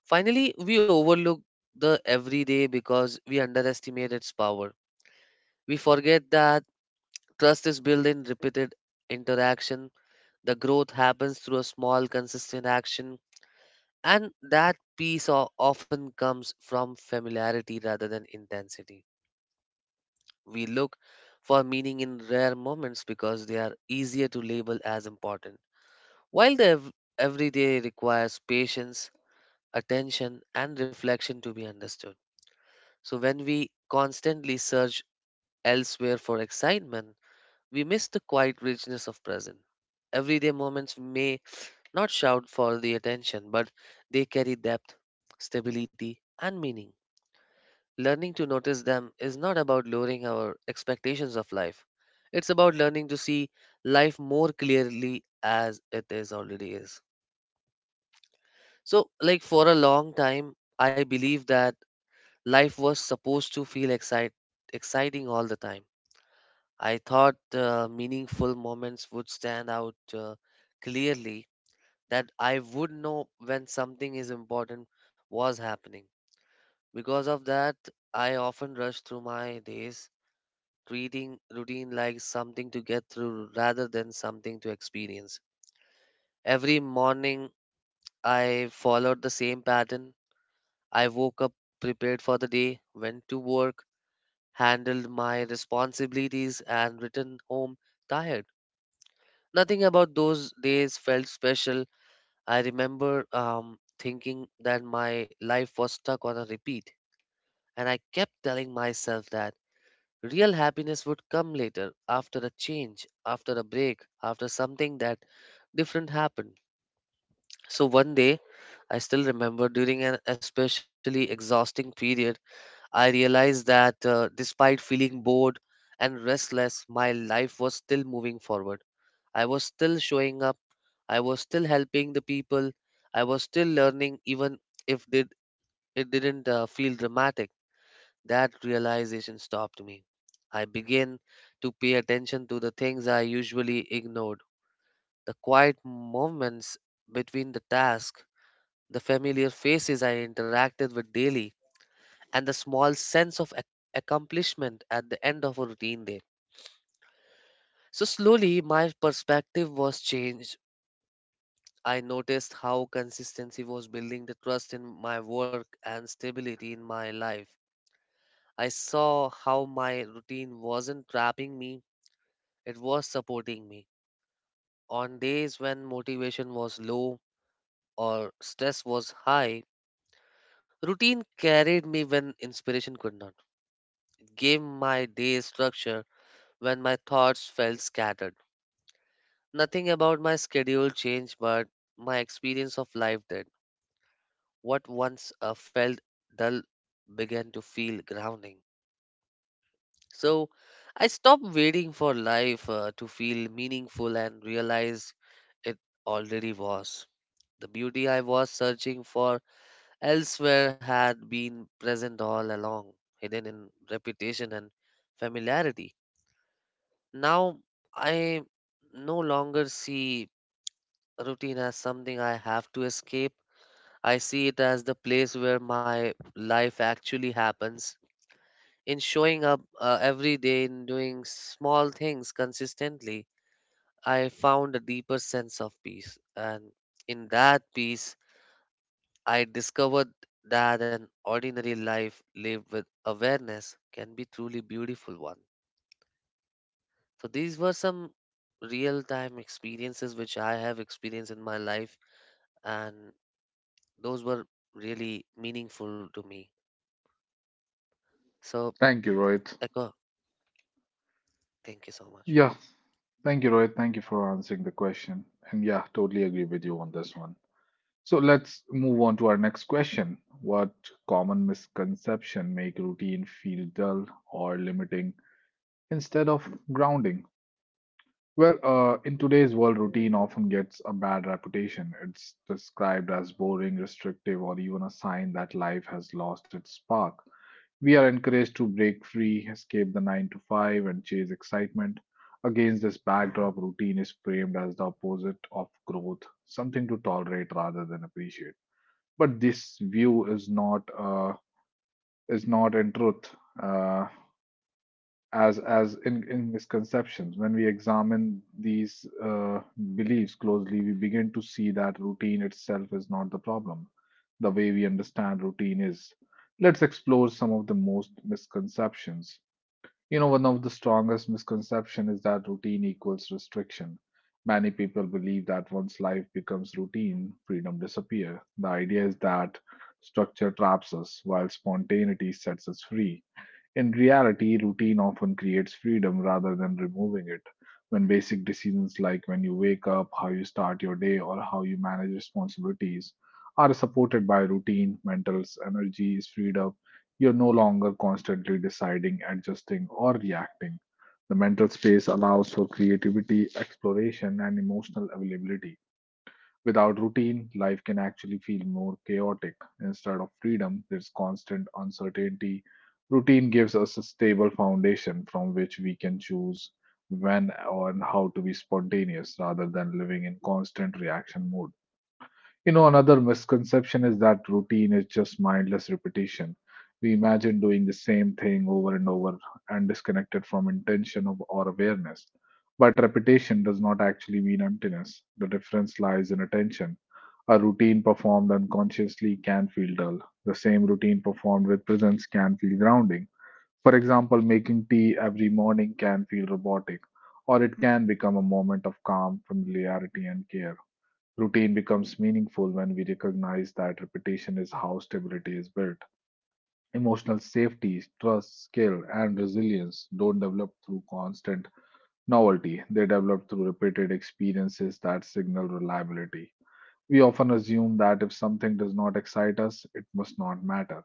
Finally, we overlook the everyday because we underestimate its power. We forget that trust is built in repeated interaction. The growth happens through a small, consistent action, and that peace often comes from familiarity rather than intensity. We look for meaning in rare moments because they are easier to label as important, while the everyday requires patience, attention, and reflection to be understood. So, when we constantly search elsewhere for excitement, we miss the quiet richness of present. Everyday moments may not shout for the attention, but they carry depth, stability, and meaning. Learning to notice them is not about lowering our expectations of life. It's about learning to see life more clearly as it is already is. So, like, for a long time, I believed that life was supposed to feel exciting all the time. I thought meaningful moments would stand out clearly, that I would know when something is important was happening. Because of that, I often rush through my days, treating routine like something to get through rather than something to experience. Every morning, I followed the same pattern. I woke up, prepared for the day, went to work, handled my responsibilities, and returned home tired. Nothing about those days felt special. I remember thinking that my life was stuck on a repeat, and I kept telling myself that real happiness would come later, after a change, after a break, after something that different happened. So one day, I still remember during an especially exhausting period, I realized that despite feeling bored and restless, my life was still moving forward. I was still showing up. I was still helping the people. I was still learning, even if did, it didn't feel dramatic. That realization stopped me. I began to pay attention to the things I usually ignored, the quiet moments between the tasks, the familiar faces I interacted with daily, and the small sense of accomplishment at the end of a routine day. So slowly, my perspective was changed. I noticed how consistency was building the trust in my work and stability in my life. I saw how my routine wasn't trapping me, it was supporting me. On days when motivation was low or stress was high, routine carried me when inspiration could not, gave my day structure when my thoughts felt scattered. Nothing about my schedule changed, but my experience of life did. What once felt dull began to feel grounding. So I stopped waiting for life to feel meaningful and realized it already was. The beauty I was searching for elsewhere had been present all along, hidden in reputation and familiarity. Now I no longer see routine as something I have to escape. I see it as the place where my life actually happens. In showing up every day, in doing small things consistently, I found a deeper sense of peace. And in that peace, I discovered that an ordinary life lived with awareness can be truly beautiful one. So these were some real time experiences which I have experienced in my life, and those were really meaningful to me. So Thank you, Rohit. Echo, thank you so much. Yeah, thank you, Rohit. Thank you for answering the question. And yeah, totally agree with you on this one. So let's move on to our next question. What common misconception make routine feel dull or limiting instead of grounding? Well, in today's world, routine often gets a bad reputation. It's described as boring, restrictive, or even a sign that life has lost its spark. We are encouraged to break free, escape the 9 to 5, and chase excitement. Against this backdrop, routine is framed as the opposite of growth, something to tolerate rather than appreciate, but this view is not in truth, uh, as in misconceptions. When we examine these beliefs closely, we begin to see that routine itself is not the problem. The way we understand routine is. Let's explore some of the most misconceptions. You know, one of the strongest misconceptions is that routine equals restriction. Many people believe that once life becomes routine, freedom disappears. The idea is that structure traps us, while spontaneity sets us free. In reality, routine often creates freedom rather than removing it. When basic decisions like when you wake up, how you start your day, or how you manage responsibilities are supported by routine, mental energy is freed up. You're no longer constantly deciding, adjusting, or reacting. The mental space allows for creativity, exploration, and emotional availability. Without routine, life can actually feel more chaotic. Instead of freedom, there's constant uncertainty. Routine gives us a stable foundation from which we can choose when or how to be spontaneous rather than living in constant reaction mode. You know, another misconception is that routine is just mindless repetition. We imagine doing the same thing over and over and disconnected from intention of, or awareness. But repetition does not actually mean emptiness. The difference lies in attention. A routine performed unconsciously can feel dull. The same routine performed with presence can feel grounding. For example, making tea every morning can feel robotic, or it can become a moment of calm, familiarity, and care. Routine becomes meaningful when we recognize that repetition is how stability is built. Emotional safety, trust, skill, and resilience don't develop through constant novelty, they develop through repeated experiences that signal reliability. We often assume that if something does not excite us, it must not matter.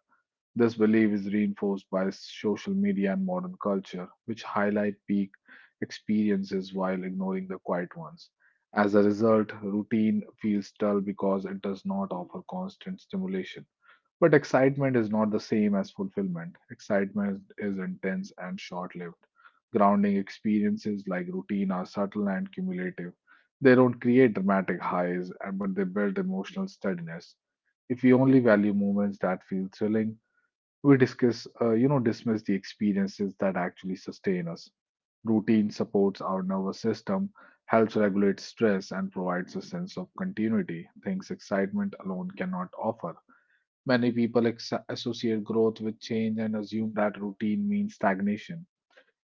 This belief is reinforced by social media and modern culture, which highlight peak experiences while ignoring the quiet ones. As a result, routine feels dull because it does not offer constant stimulation. But excitement is not the same as fulfillment. Excitement is intense and short lived. Grounding experiences like routine are subtle and cumulative. They don't create dramatic highs, but they build emotional steadiness. If we only value moments that feel thrilling, we dismiss the experiences that actually sustain us. Routine supports our nervous system, helps regulate stress, and provides a sense of continuity, things excitement alone cannot offer. Many people associate growth with change and assume that routine means stagnation.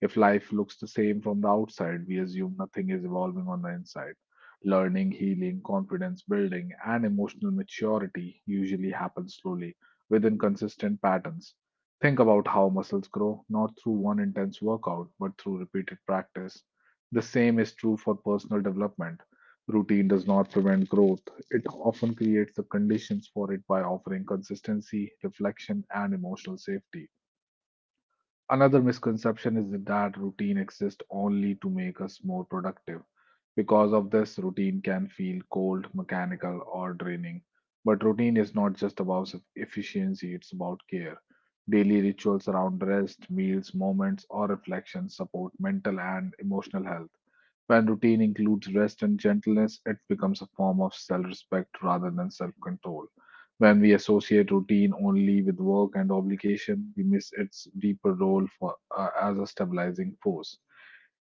If life looks the same from the outside, we assume nothing is evolving on the inside. Learning, healing, confidence building, and emotional maturity usually happen slowly within consistent patterns. Think about how muscles grow, not through one intense workout, but through repeated practice. The same is true for personal development. Routine does not prevent growth, it often creates the conditions for it by offering consistency, reflection, and emotional safety. Another misconception is that routine exists only to make us more productive. Because of this, routine can feel cold, mechanical, or draining. But routine is not just about efficiency, it's about care. Daily rituals around rest, meals, moments, or reflection support mental and emotional health. When routine includes rest and gentleness, it becomes a form of self respect rather than self control. When we associate routine only with work and obligation, we miss its deeper role for, as a stabilizing force.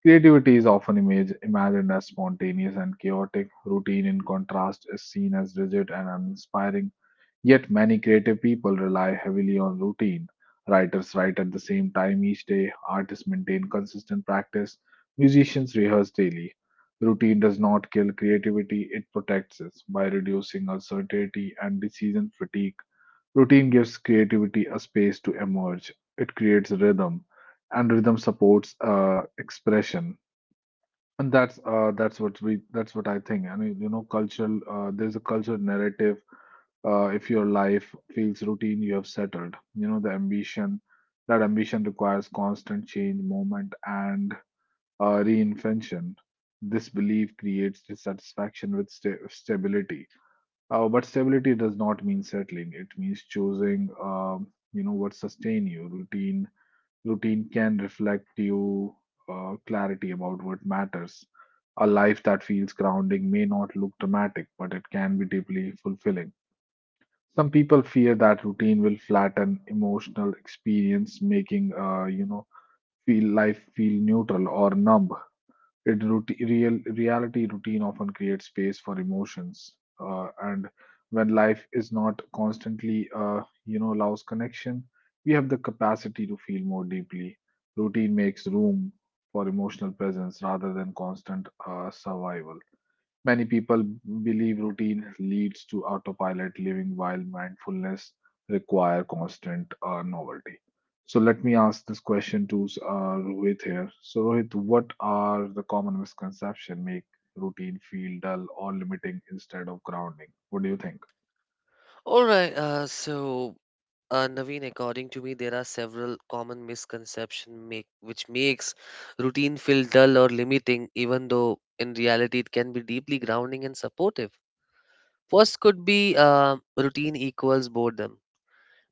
Creativity is often imagined as spontaneous and chaotic. Routine, in contrast, is seen as rigid and uninspiring. Yet many creative people rely heavily on routine. Writers write at the same time each day, artists maintain consistent practice, musicians rehearse daily. Routine does not kill creativity, it protects it by reducing uncertainty and decision fatigue. Routine gives creativity a space to emerge. It creates rhythm, and rhythm supports expression. And that's what I think. And you know, cultural there's a cultural narrative. If your life feels routine, you have settled. You know, the ambition That ambition requires constant change, movement, and reinvention. This belief creates dissatisfaction with stability. But stability does not mean settling. It means choosing, what sustain you. Routine can reflect you clarity about what matters. A life that feels grounding may not look dramatic, but it can be deeply fulfilling. Some people fear that routine will flatten emotional experience, making feel life feel neutral or numb. It reality routine often creates space for emotions, and when life is not constantly, allows connection, we have the capacity to feel more deeply. Routine makes room for emotional presence rather than constant survival. Many people believe routine leads to autopilot living, while mindfulness require constant novelty. So let me ask this question to Rohit here. So Rohit, what are the common misconception make routine feel dull or limiting instead of grounding? What do you think? All right. Naveen, according to me, there are several common misconception make which makes routine feel dull or limiting, even though in reality it can be deeply grounding and supportive. First could be routine equals boredom.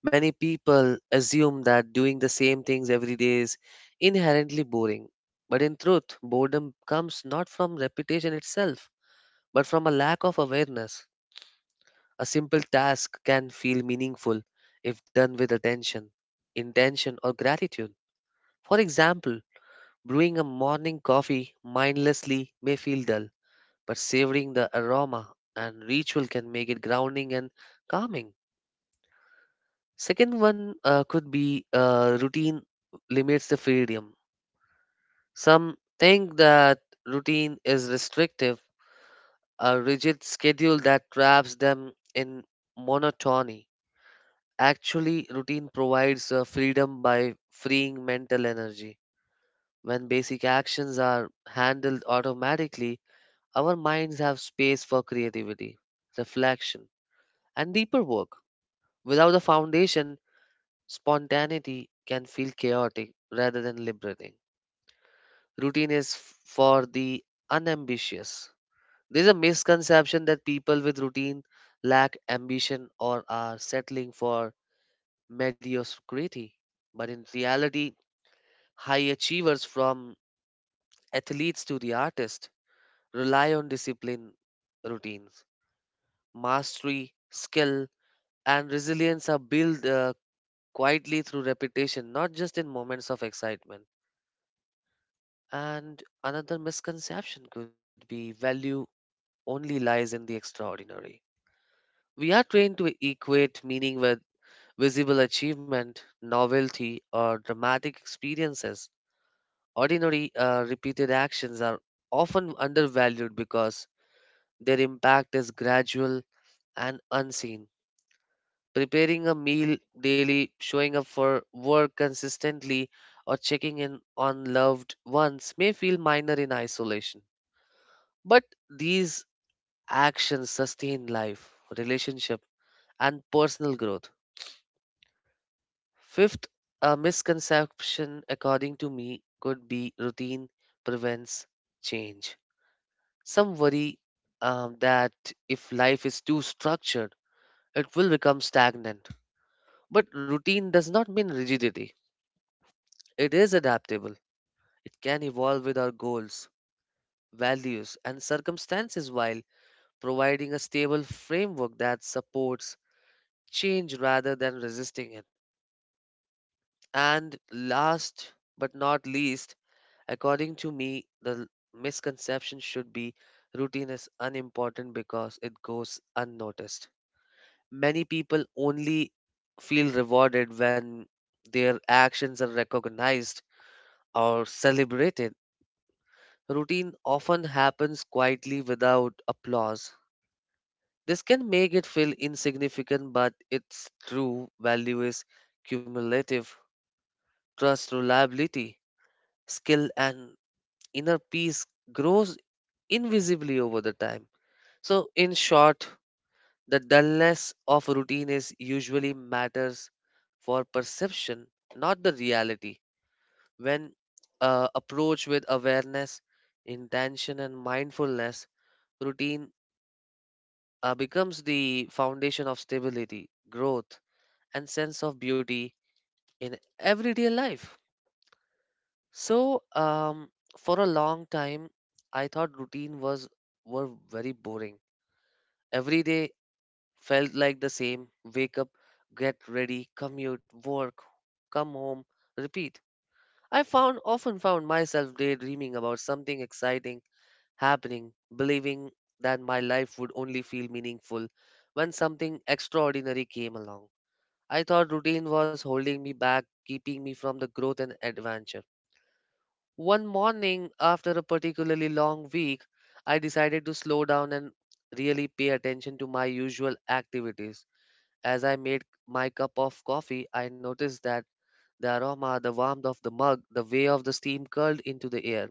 Many people assume that doing the same things every day is inherently boring, but in truth, boredom comes not from repetition itself, but from a lack of awareness. A simple task can feel meaningful if done with attention, intention, or gratitude. For example, brewing a morning coffee mindlessly may feel dull, but savoring the aroma and ritual can make it grounding and calming. Second one could be routine limits the freedom. Some think that routine is restrictive, a rigid schedule that traps them in monotony. Actually, routine provides freedom by freeing mental energy. When basic actions are handled automatically, our minds have space for creativity, reflection, and deeper work. Without a foundation, spontaneity can feel chaotic rather than liberating. Routine is for the unambitious. There's a misconception that people with routine lack ambition or are settling for mediocrity. But in reality, high achievers from athletes to the artist rely on discipline routines. Mastery, skill, and resilience are built quietly through repetition, not just in moments of excitement. And another misconception could be value only lies in the extraordinary. We are trained to equate meaning with visible achievement, novelty, or dramatic experiences. Ordinary, repeated actions are often undervalued because their impact is gradual and unseen. Preparing a meal daily, showing up for work consistently, or checking in on loved ones may feel minor in isolation. But these actions sustain life, relationship, and personal growth. Fifth, a misconception, according to me, could be routine prevents change. Some worry that if life is too structured, it will become stagnant. But routine does not mean rigidity. It is adaptable. It can evolve with our goals, values, and circumstances while providing a stable framework that supports change rather than resisting it. And last but not least, according to me, the misconception should be routine is unimportant because it goes unnoticed. Many people only feel rewarded when their actions are recognized or celebrated. Routine often happens quietly without applause. This can make it feel insignificant, but its true value is cumulative. Trust, reliability, skill, and inner peace grows invisibly over the time. So, in short, the dullness of routine is usually matters for perception, not the reality. When approached with awareness, intention, and mindfulness, routine becomes the foundation of stability, growth, and sense of beauty in everyday life. So, for a long time, I thought routine was were very boring. Every day felt like the same: wake up, get ready, commute, work, come home, repeat. I found often found myself daydreaming about something exciting happening, believing that my life would only feel meaningful when something extraordinary came along. I thought routine was holding me back, keeping me from the growth and adventure. One morning, after a particularly long week, I decided to slow down and really pay attention to my usual activities. As I made my cup of coffee, I noticed that the aroma, the warmth of the mug, the way of the steam curled into the air.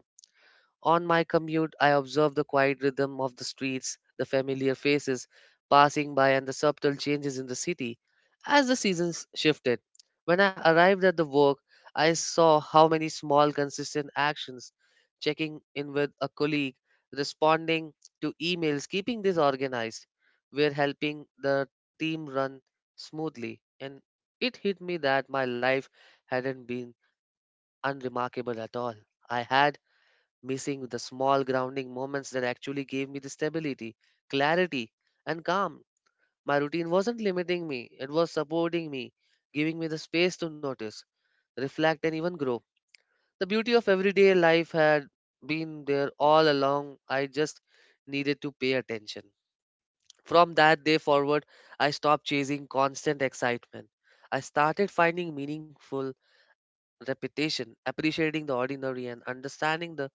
On my commute, I observe the quiet rhythm of the streets, the familiar faces passing by, and the subtle changes in the city as the seasons shifted. When I arrived at the work, I saw how many small, consistent actions, checking in with a colleague, responding to emails, keeping this organized, were helping the team run smoothly. And it hit me that my life hadn't been unremarkable at all. I had missing the small grounding moments that actually gave me the stability, clarity, and calm. My routine wasn't limiting me, it was supporting me, giving me the space to notice, reflect, and even grow. The beauty of everyday life had been there all along, I just needed to pay attention. From that day forward, I stopped chasing constant excitement. I started finding meaningful repetition, appreciating the ordinary, and understanding the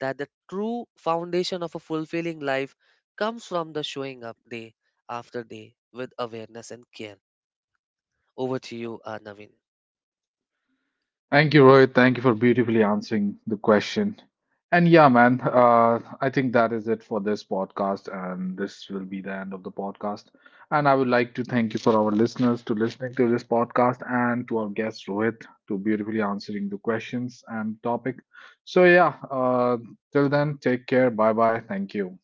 that the true foundation of a fulfilling life comes from the showing up day after day with awareness and care. Over to you, Naveen. Thank you, Rohit. Thank you for beautifully answering the question. And yeah, man, I think that is it for this podcast, and this will be the end of the podcast. And I would like to thank you for our listeners to listening to this podcast, and to our guest Rohit to beautifully answering the questions and topic. So yeah, till then, take care. Bye bye. Thank you.